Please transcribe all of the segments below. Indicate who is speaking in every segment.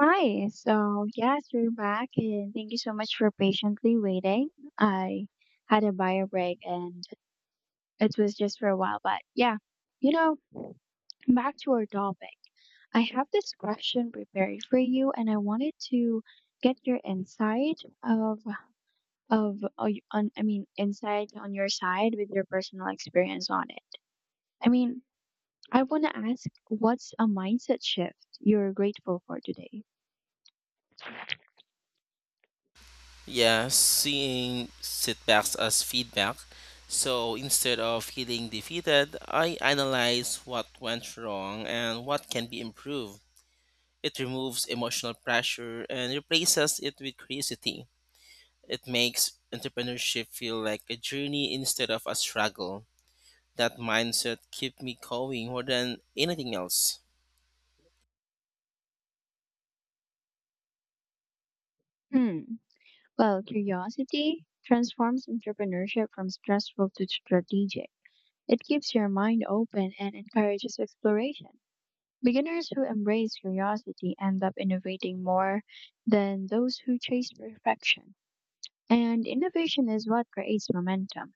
Speaker 1: Hi. So, yes, we're back, and thank you so much for patiently waiting. I had a bio break and it was just for a while, but yeah, you know, back to our topic. I have this question prepared for you, and I wanted to get your insight of y- on I mean, insight on your side with your personal experience on it. I mean, I want to ask, what's a mindset shift you're grateful for today?
Speaker 2: Yeah, seeing setbacks as feedback. So instead of feeling defeated, I analyze what went wrong and what can be improved. It removes emotional pressure and replaces it with curiosity. It makes entrepreneurship feel like a journey instead of a struggle. That mindset keeps me going more than anything else.
Speaker 1: Hmm. Well, curiosity transforms entrepreneurship from stressful to strategic. It keeps your mind open and encourages exploration. Beginners who embrace curiosity end up innovating more than those who chase perfection. And innovation is what creates momentum.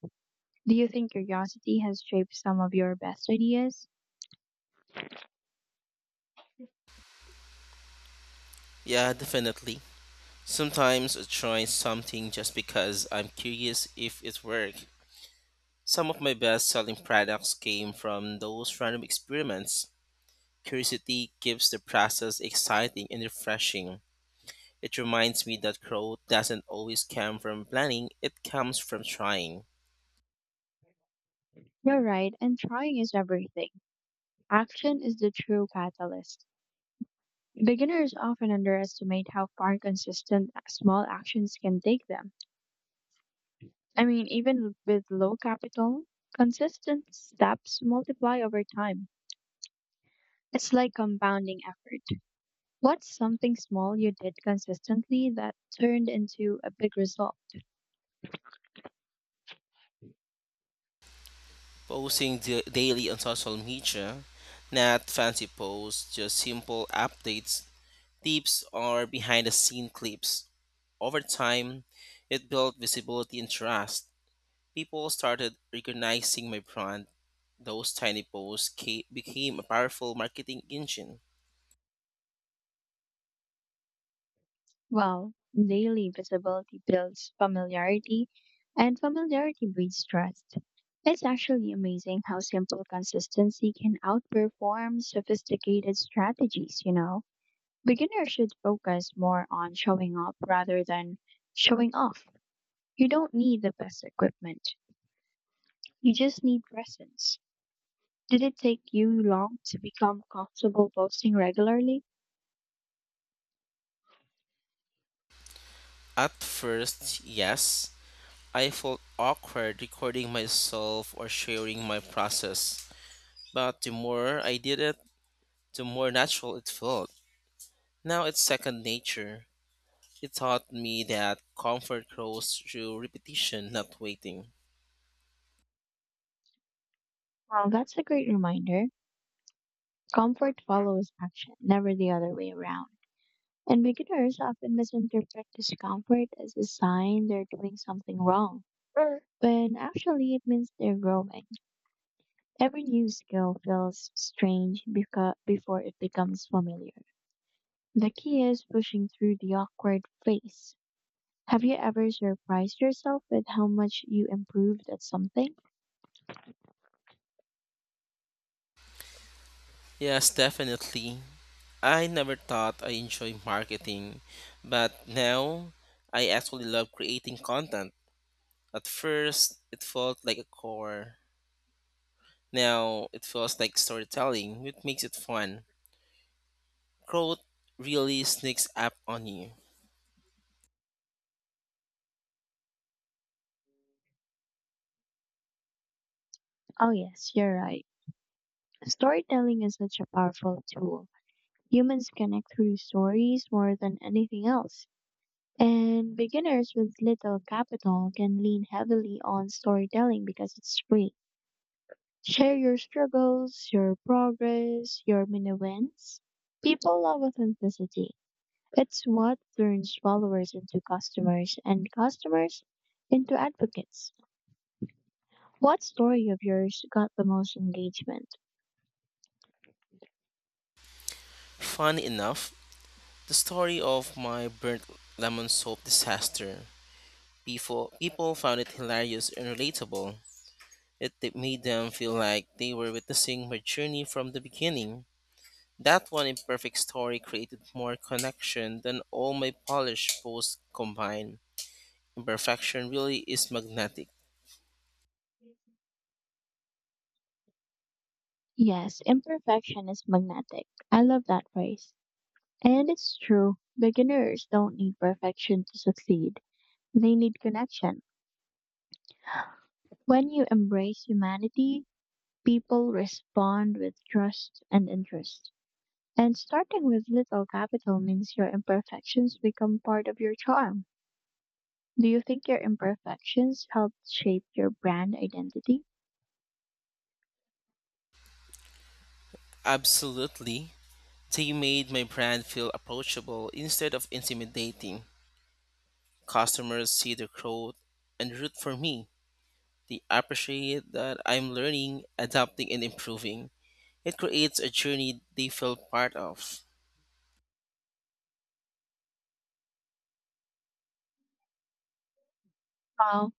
Speaker 1: Do you think curiosity has shaped some of your best ideas?
Speaker 2: Yeah, definitely. Sometimes I try something just because I'm curious if it works. Some of my best selling products came from those random experiments. Curiosity keeps the process exciting and refreshing. It reminds me that growth doesn't always come from planning, it comes from trying.
Speaker 1: You're right, and trying is everything. Action is the true catalyst. Beginners often underestimate how far consistent small actions can take them. I mean, even with low capital, consistent steps multiply over time. It's like compounding effort. What's something small you did consistently that turned into a big result?
Speaker 2: Posting daily on social media, not fancy posts, just simple updates, tips, or behind the scene clips. Over time, it built visibility and trust. People started recognizing my brand. Those tiny posts became a powerful marketing engine.
Speaker 1: Well, daily visibility builds familiarity, and familiarity breeds trust. It's actually amazing how simple consistency can outperform sophisticated strategies, you know? Beginners should focus more on showing up rather than showing off. You don't need the best equipment, you just need presence. Did it take you long to become comfortable posting regularly?
Speaker 2: At first, yes, I felt awkward recording myself or sharing my process, but the more I did it, the more natural it felt. Now it's second nature. It taught me that comfort grows through repetition, not waiting.
Speaker 1: Well, that's a great reminder. Comfort follows action, never the other way around. And beginners often misinterpret discomfort as a sign they're doing something wrong, when actually it means they're growing. Every new skill feels strange before it becomes familiar. The key is pushing through the awkward phase. Have you ever surprised yourself with how much you improved at something?
Speaker 2: Yes, definitely. I never thought I enjoy marketing, but now I actually love creating content. At first, it felt like a chore. Now it feels like storytelling, which makes it fun. Growth really sneaks up on you.
Speaker 1: Oh, yes, you're right. Storytelling is such a powerful tool. Humans connect through stories more than anything else. And beginners with little capital can lean heavily on storytelling because it's free. Share your struggles, your progress, your mini wins. People love authenticity. It's what turns followers into customers and customers into advocates. What story of yours got the most engagement?
Speaker 2: Funny enough, the story of my burnt lemon soap disaster, people found it hilarious and relatable. It made them feel like they were witnessing my journey from the beginning. That one imperfect story created more connection than all my polished posts combined. Imperfection really is magnetic.
Speaker 1: Yes, imperfection is magnetic. I love that phrase. And it's true, beginners don't need perfection to succeed. They need connection. When you embrace humanity, people respond with trust and interest. And starting with little capital means your imperfections become part of your charm. Do you think your imperfections helped shape your brand identity?
Speaker 2: Absolutely. They made my brand feel approachable instead of intimidating. Customers see the growth and root for me. They appreciate that I'm learning, adapting, and improving. It creates a journey they feel part of.
Speaker 1: Wow,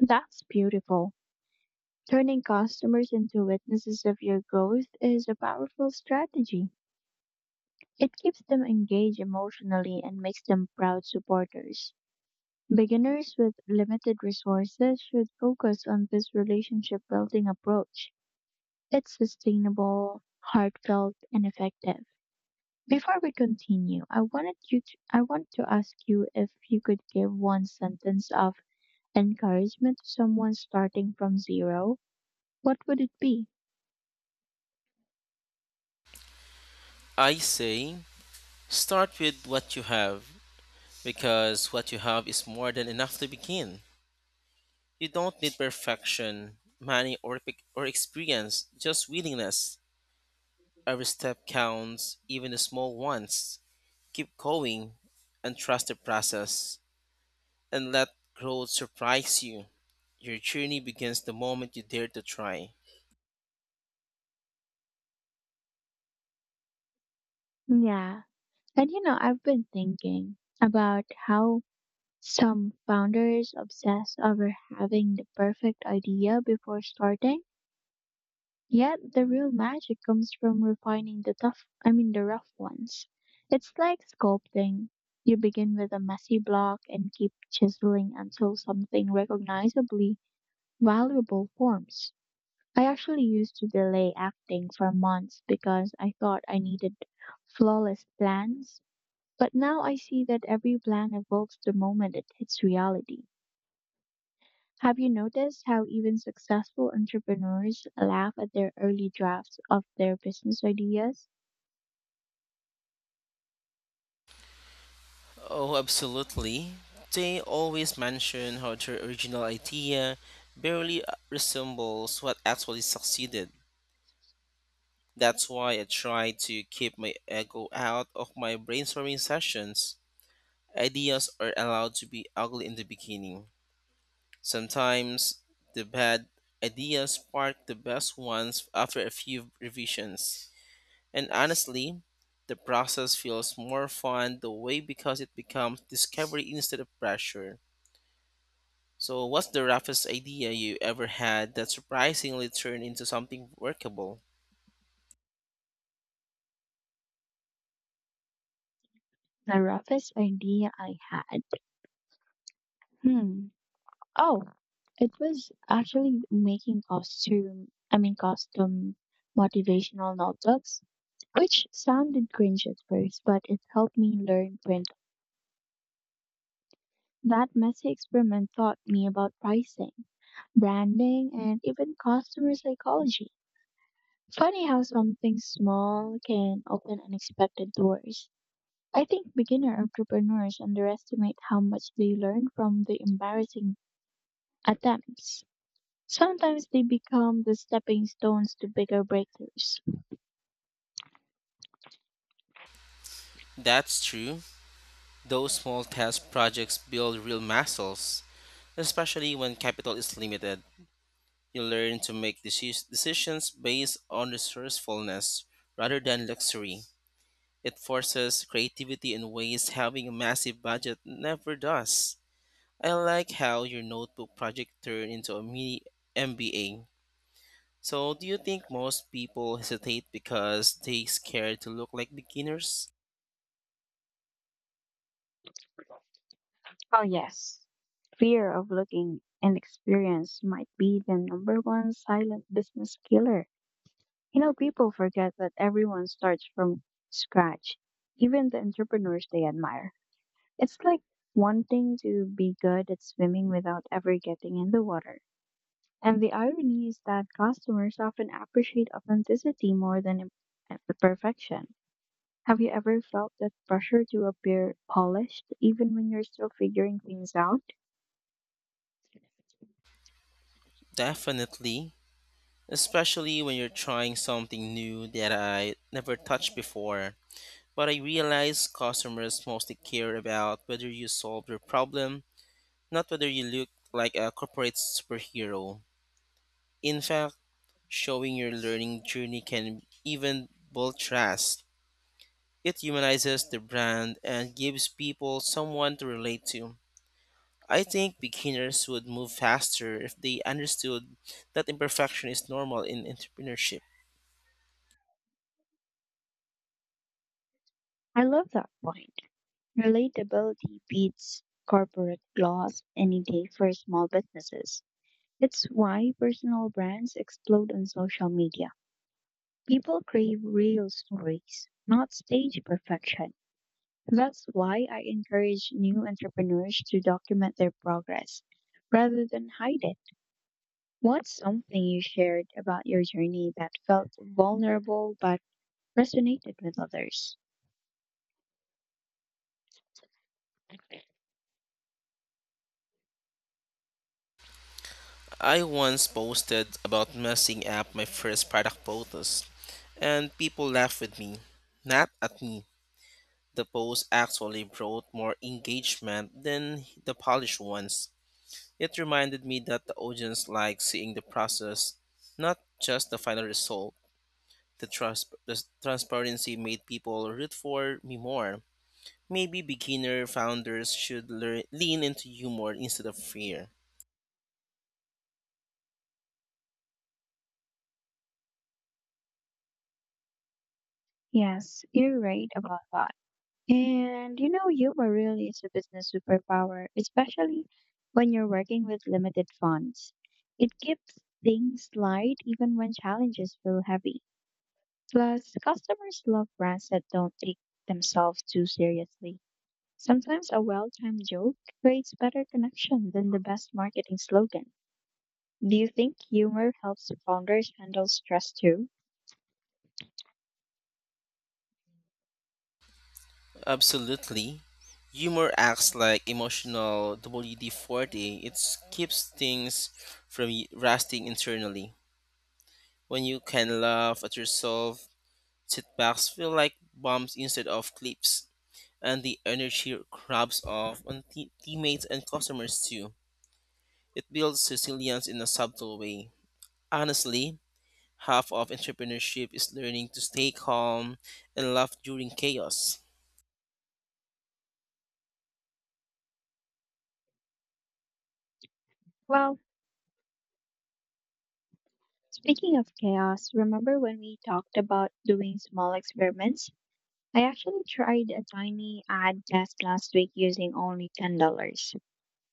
Speaker 1: that's beautiful. Turning customers into witnesses of your growth is a powerful strategy. It keeps them engaged emotionally and makes them proud supporters. Beginners with limited resources should focus on this relationship building approach. It's sustainable, heartfelt, and effective. Before we continue, I want to ask you if you could give one sentence of encouragement to someone starting from zero, what would it be?
Speaker 2: I say, start with what you have because what you have is more than enough to begin. You don't need perfection, money, or experience, just willingness. Every step counts, even the small ones. Keep going and trust the process and let growth surprise you. Your journey begins the moment you dare to try.
Speaker 1: Yeah. And I've been thinking about how some founders obsess over having the perfect idea before starting, yet the real magic comes from refining I mean, the rough ones. It's like sculpting. You begin with a messy block and keep chiseling until something recognizably valuable forms. I actually used to delay acting for months because I thought I needed flawless plans, but now I see that every plan evolves the moment it hits reality. Have you noticed how even successful entrepreneurs laugh at their early drafts of their business ideas?
Speaker 2: Oh, absolutely. They always mention how their original idea barely resembles what actually succeeded. That's why I try to keep my ego out of my brainstorming sessions. Ideas are allowed to be ugly in the beginning. Sometimes the bad ideas spark the best ones after a few revisions. And honestly, the process feels more fun the way because it becomes discovery instead of pressure. So, what's the roughest idea you ever had that surprisingly turned into something workable?
Speaker 1: The roughest idea I had. Hmm. Oh, it was actually making I mean, custom motivational notebooks, which sounded cringe at first, but it helped me learn print. That messy experiment taught me about pricing, branding, and even customer psychology. Funny how something small can open unexpected doors. I think beginner entrepreneurs underestimate how much they learn from the embarrassing attempts. Sometimes they become the stepping stones to bigger breakthroughs.
Speaker 2: That's true. Those small test projects build real muscles, especially when capital is limited. You learn to make decisions based on resourcefulness rather than luxury. It forces creativity in ways having a massive budget never does. I like how your notebook project turned into a mini MBA. So, do you think most people hesitate because they scared to look like beginners?
Speaker 1: Oh, yes. Fear of looking inexperienced might be the number one silent business killer. People forget that everyone starts from scratch, even the entrepreneurs they admire. It's like wanting to be good at swimming without ever getting in the water. And the irony is that customers often appreciate authenticity more than perfection. Have you ever felt that pressure to appear polished even when you're still figuring things out?
Speaker 2: Definitely, especially when you're trying something new that I never touched before. But I realize customers mostly care about whether you solve their problem, not whether you look like a corporate superhero. In fact, showing your learning journey can even build trust. It humanizes the brand and gives people someone to relate to. I think beginners would move faster if they understood that imperfection is normal in entrepreneurship.
Speaker 1: I love that point. Relatability beats corporate gloss any day for small businesses. It's why personal brands explode on social media. People crave real stories, not stage perfection. That's why I encourage new entrepreneurs to document their progress rather than hide it. What's something you shared about your journey that felt vulnerable but resonated with others?
Speaker 2: I once posted about messing up my first product photos, and people laughed with me. Not at me. The post actually brought more engagement than the polished ones. It reminded me that the audience likes seeing the process, not just the final result. The transparency made people root for me more. Maybe beginner founders should lean into humor instead of fear.
Speaker 1: Yes, you're right about that. And humor really is a business superpower, especially when you're working with limited funds. It keeps things light even when challenges feel heavy. Plus, customers love brands that don't take themselves too seriously. Sometimes a well timed joke creates better connection than the best marketing slogan. Do you think humor helps founders handle stress too?
Speaker 2: Absolutely. Humor acts like emotional WD 40. It keeps things from rusting internally. When you can laugh at yourself, setbacks feel like bumps instead of clips, and the energy rubs off on teammates and customers too. It builds resilience in a subtle way. Honestly, half of entrepreneurship is learning to stay calm and laugh during chaos.
Speaker 1: Well, speaking of chaos, remember when we talked about doing small experiments? I actually tried a tiny ad test last week using only $10.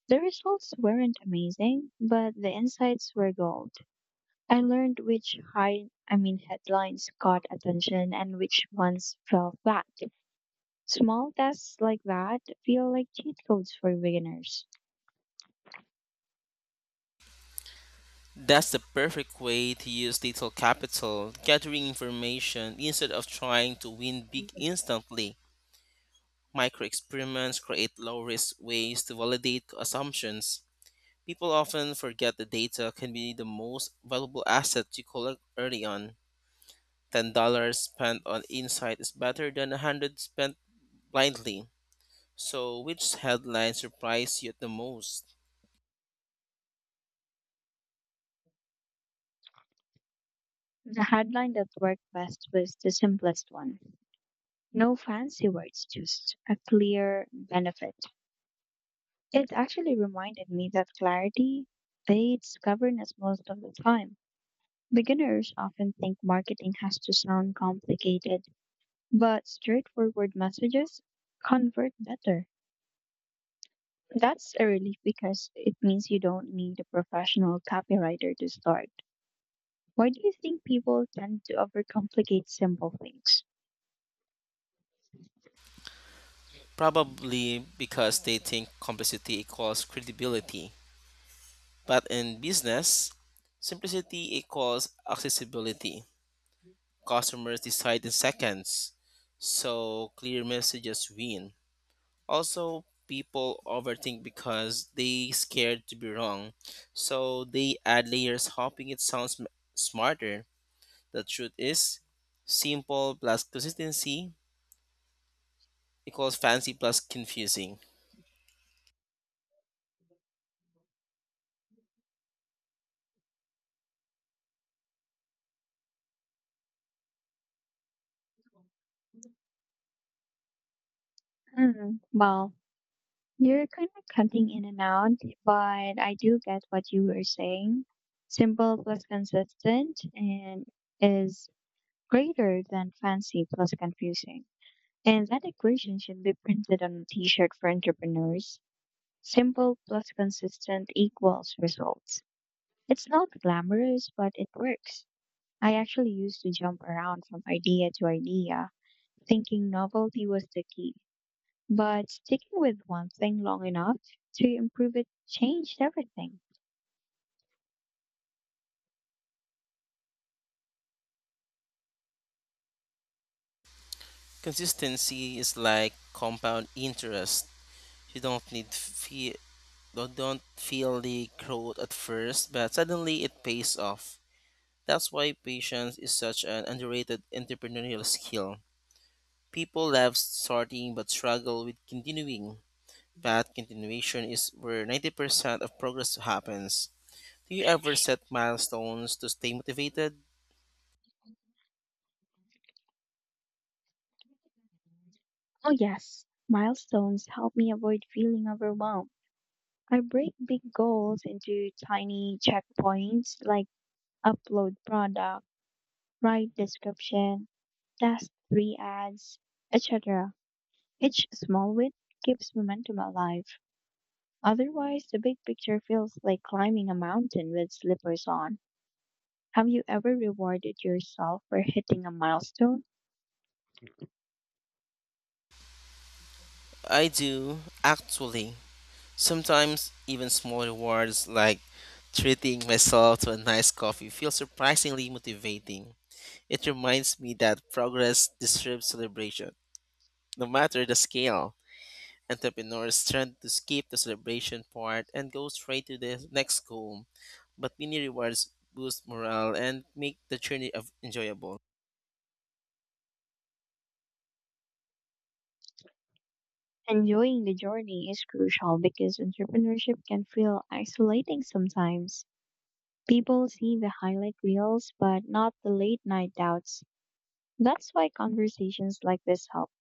Speaker 1: The results weren't amazing, but the insights were gold. I learned which, I mean, headlines caught attention and which ones fell flat. Small tests like that feel like cheat codes for beginners.
Speaker 2: That's the perfect way to use little capital, gathering information instead of trying to win big instantly. Micro experiments create low risk ways to validate assumptions. People often forget that data can be the most valuable asset you collect early on. $10 spent on insight is better than 100 spent blindly. So, which headline surprised you the most?
Speaker 1: The headline that worked best was the simplest one. No fancy words, just a clear benefit. It actually reminded me that clarity fades governance most of the time. Beginners often think marketing has to sound complicated, but straightforward messages convert better. That's a relief because it means you don't need a professional copywriter to start. Why do you think people tend to overcomplicate simple things?
Speaker 2: Probably because they think complexity equals credibility. But in business, simplicity equals accessibility. Customers decide in seconds, so clear messages win. Also, people overthink because they scared to be wrong, so they add layers hoping it smarter. The truth is, simple plus consistency equals fancy plus confusing.
Speaker 1: Hmm. Well, you're kind of cutting in and out, but I do get what you were saying. Simple plus consistent and is greater than fancy plus confusing. And that equation should be printed on a t-shirt for entrepreneurs. Simple plus consistent equals results. It's not glamorous, but it works. I actually used to jump around from idea to idea, thinking novelty was the key. But sticking with one thing long enough to improve it changed everything.
Speaker 2: Consistency is like compound interest. You don't need feel don't feel the growth at first, but suddenly it pays off. That's why patience is such an underrated entrepreneurial skill. People love starting but struggle with continuing. But continuation is where 90% of progress happens. Do you ever set milestones to stay motivated?
Speaker 1: Oh, yes, milestones help me avoid feeling overwhelmed. I break big goals into tiny checkpoints like upload product, write description, test three ads, etc. Each small win keeps momentum alive. Otherwise, the big picture feels like climbing a mountain with slippers on. Have you ever rewarded yourself for hitting a milestone?
Speaker 2: I do, actually. Sometimes even small rewards like treating myself to a nice coffee feel surprisingly motivating. It reminds me that progress deserves celebration, no matter the scale. Entrepreneurs tend to skip the celebration part and go straight to the next goal, but mini rewards boost morale and make the journey of enjoyable.
Speaker 1: Enjoying the journey is crucial because entrepreneurship can feel isolating sometimes. People see the highlight reels, but not the late night doubts. That's why conversations like this help.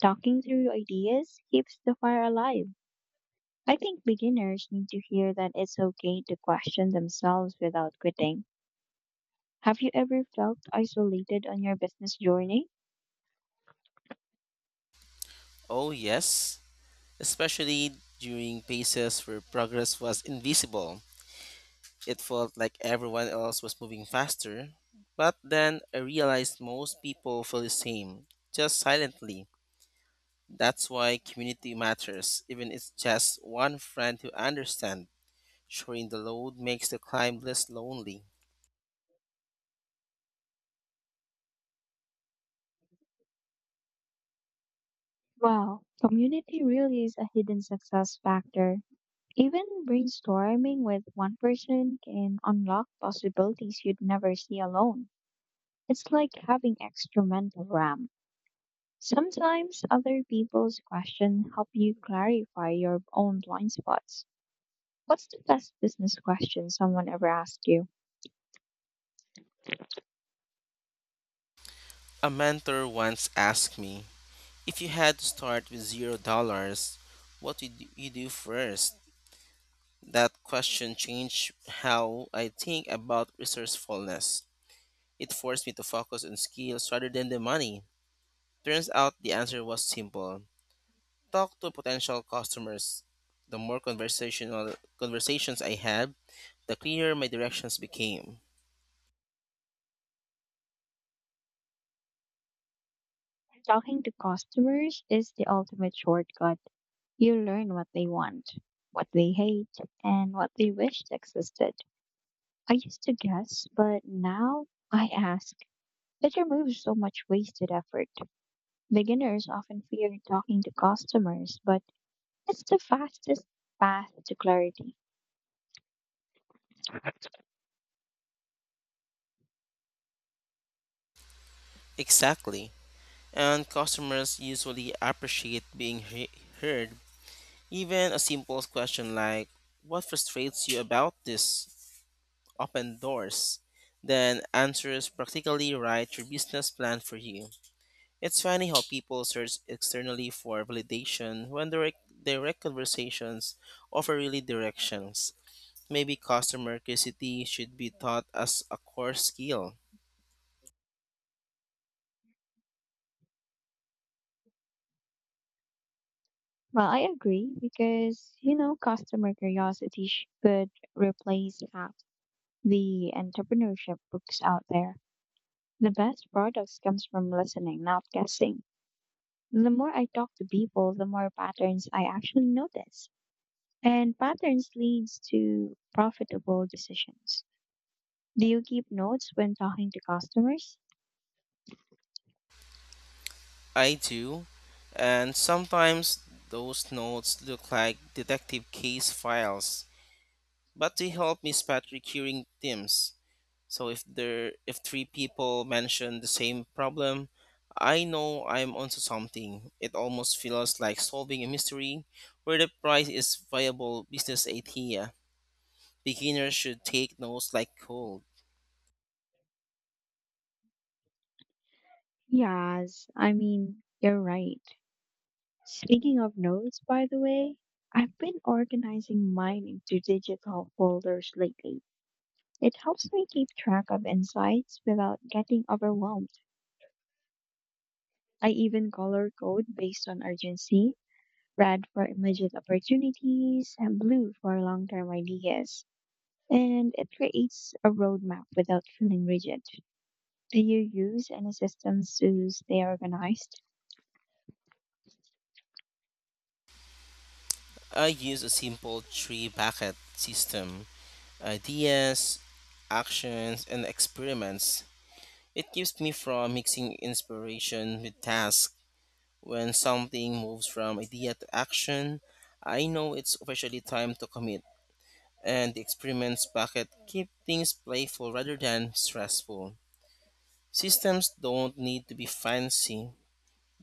Speaker 1: Talking through ideas keeps the fire alive. I think beginners need to hear that it's okay to question themselves without quitting. Have you ever felt isolated on your business journey?
Speaker 2: Oh yes, especially during phases where progress was invisible. It felt like everyone else was moving faster, but then I realized most people feel the same, just silently. That's why community matters, even if it's just one friend who understands. Sharing the load makes the climb less lonely.
Speaker 1: Wow, community really is a hidden success factor. Even brainstorming with one person can unlock possibilities you'd never see alone. It's like having extra mental RAM. Sometimes other people's questions help you clarify your own blind spots. What's the best business question someone ever asked you?
Speaker 2: A mentor once asked me, if you had to start with $0, what would you do first?" That question changed how I think about resourcefulness. It forced me to focus on skills rather than the money. Turns out the answer was simple, talk to potential customers, the more conversational conversations I had, the clearer my directions became.
Speaker 1: Talking to customers is the ultimate shortcut. You learn what they want, what they hate, and what they wished existed. I used to guess, but now I ask. It removes so much wasted effort. Beginners often fear talking to customers, but it's the fastest path to clarity.
Speaker 2: Exactly. And customers usually appreciate heard. Even a simple question like, what frustrates you about this? Open doors. Then answers practically write your business plan for you. It's funny how people search externally for validation when direct conversations offer really directions. Maybe customer curiosity should be taught as a core skill.
Speaker 1: Well, I agree because, customer curiosity could replace half the entrepreneurship books out there. The best products comes from listening, not guessing. The more I talk to people, the more patterns I actually notice. And patterns leads to profitable decisions. Do you keep notes when talking to customers?
Speaker 2: I do, and sometimes those notes look like detective case files. But they help me spot recurring themes. So if three people mention the same problem, I know I'm onto something. It almost feels like solving a mystery where the prize is viable business idea. Beginners should take notes like cold.
Speaker 1: Yes, I mean, you're right. Speaking of notes, by the way, I've been organizing mine into digital folders lately. It helps me keep track of insights without getting overwhelmed. I even color code based on urgency, red for immediate opportunities, and blue for long term ideas. And it creates a roadmap without feeling rigid. Do you use any systems to stay organized?
Speaker 2: I use a simple three bucket system, ideas, actions, and experiments. It keeps me from mixing inspiration with tasks. When something moves from idea to action, I know it's officially time to commit, and the experiments bucket keep things playful rather than stressful. Systems don't need to be fancy,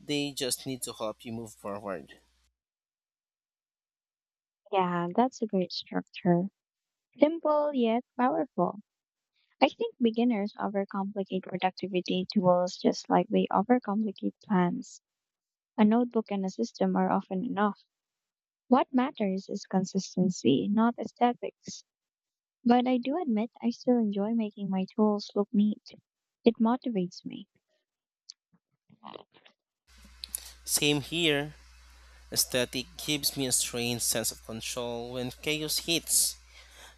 Speaker 2: they just need to help you move forward.
Speaker 1: Yeah, that's a great structure. Simple yet powerful. I think beginners overcomplicate productivity tools just like they overcomplicate plans. A notebook and a system are often enough. What matters is consistency, not aesthetics. But I do admit I still enjoy making my tools look neat. It motivates me.
Speaker 2: Same here. Aesthetic gives me a strange sense of control when chaos hits.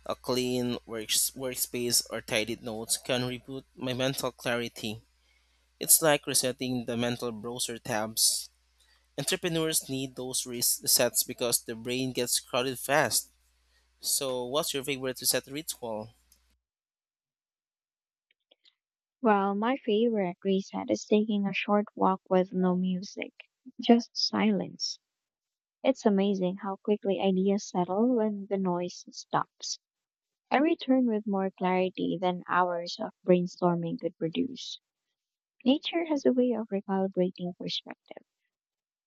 Speaker 2: A clean workspace or tidied notes can reboot my mental clarity. It's like resetting the mental browser tabs. Entrepreneurs need those resets because the brain gets crowded fast. So, what's your favorite reset ritual?
Speaker 1: Well, my favorite reset is taking a short walk with no music, just silence. It's amazing how quickly ideas settle when the noise stops. I return with more clarity than hours of brainstorming could produce. Nature has a way of recalibrating perspective.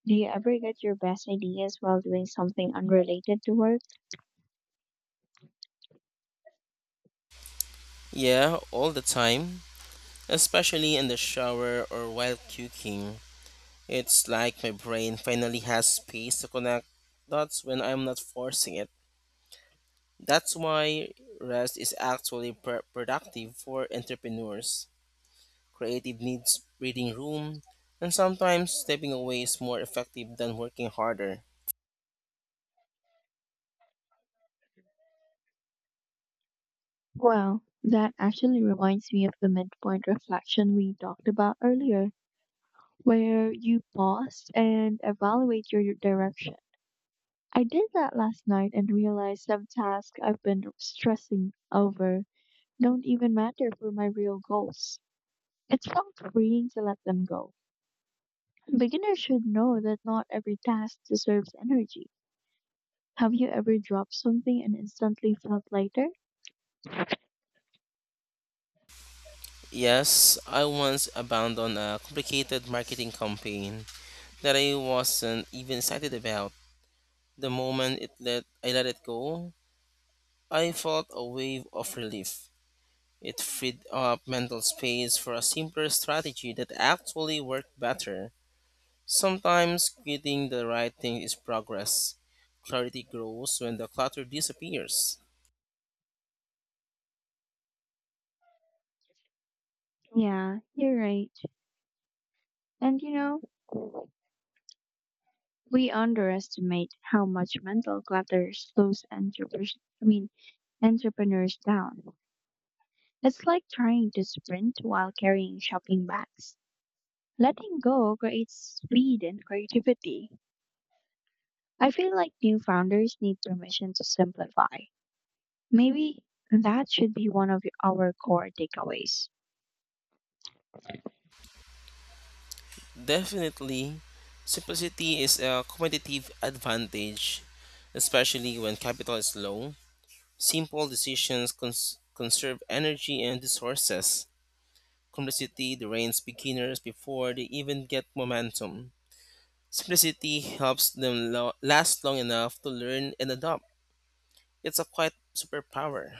Speaker 1: Do you ever get your best ideas while doing something unrelated to work?
Speaker 2: Yeah, all the time, especially in the shower or while cooking. It's like my brain finally has space to connect dots when I'm not forcing it. That's why rest is actually productive for entrepreneurs. Creative needs breathing room, and sometimes stepping away is more effective than working harder.
Speaker 1: Well, that actually reminds me of the midpoint reflection we talked about earlier, where you pause and evaluate your direction. I did that last night and realized some tasks I've been stressing over don't even matter for my real goals. It felt freeing to let them go. Beginners should know that not every task deserves energy. Have you ever dropped something and instantly felt lighter?
Speaker 2: Yes, I once abandoned a complicated marketing campaign that I wasn't even excited about. The moment it let I let it go, I felt a wave of relief. It freed up mental space for a simpler strategy that actually worked better. Sometimes getting the right thing is progress. Clarity grows when the clutter disappears.
Speaker 1: Yeah, you're right. And know, We underestimate how much mental clutter slows I mean, entrepreneurs down. It's like trying to sprint while carrying shopping bags. Letting go creates speed and creativity. I feel like new founders need permission to simplify. Maybe that should be one of our core takeaways.
Speaker 2: Definitely, simplicity is a competitive advantage, especially when capital is low. Simple decisions conserve energy and resources. Complexity drains beginners before they even get momentum. Simplicity helps them last long enough to learn and adopt. It's a quiet superpower.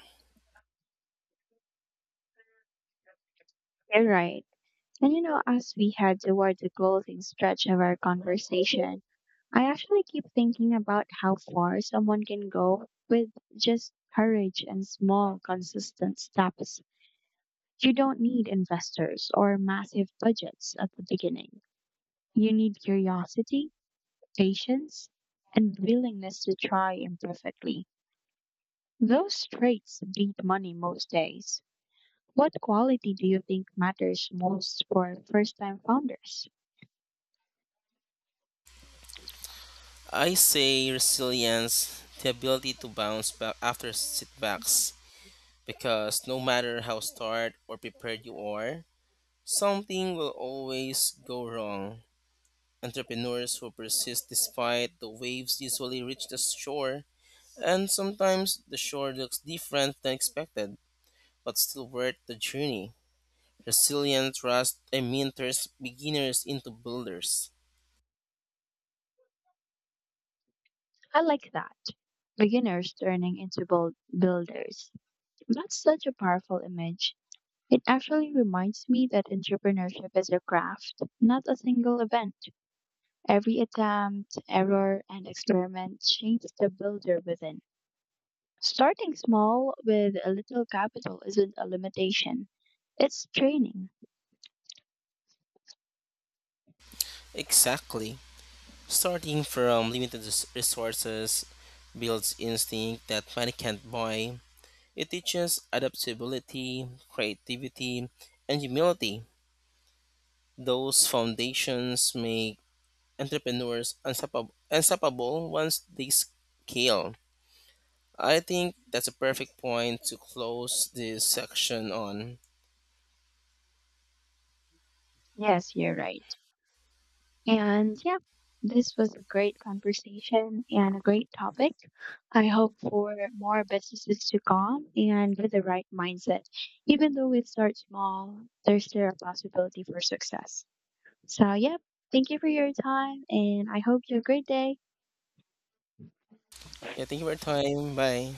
Speaker 1: You're right. And as we head toward the closing stretch of our conversation, I actually keep thinking about how far someone can go with just courage and small, consistent steps. You don't need investors or massive budgets at the beginning. You need curiosity, patience, and willingness to try imperfectly. Those traits beat money most days. What quality do you think matters most for first time founders?
Speaker 2: I say resilience, the ability to bounce back after setbacks, because no matter how starved or prepared you are, something will always go wrong. Entrepreneurs who persist despite the waves usually reach the shore, and sometimes the shore looks different than expected, but still worth the journey. Resilient trust, I mean, beginners into builders.
Speaker 1: I like that. Beginners turning into builders. That's such a powerful image. It actually reminds me that entrepreneurship is a craft, not a single event. Every attempt, error, and experiment shapes the builder within. Starting small with a little capital isn't a limitation, it's training.
Speaker 2: Exactly. Starting from limited resources builds instinct that money can't buy. It teaches adaptability, creativity, and humility. Those foundations make entrepreneurs unstoppable once they scale. I think that's a perfect point to close this section on.
Speaker 1: Yes, you're right. And yeah, this was a great conversation and a great topic. I hope for more businesses to come and with the right mindset. Even though it starts small, there's still a possibility for success. So, yeah, thank you for your time and I hope you have a great day.
Speaker 2: Yeah, thank you for your time. Bye.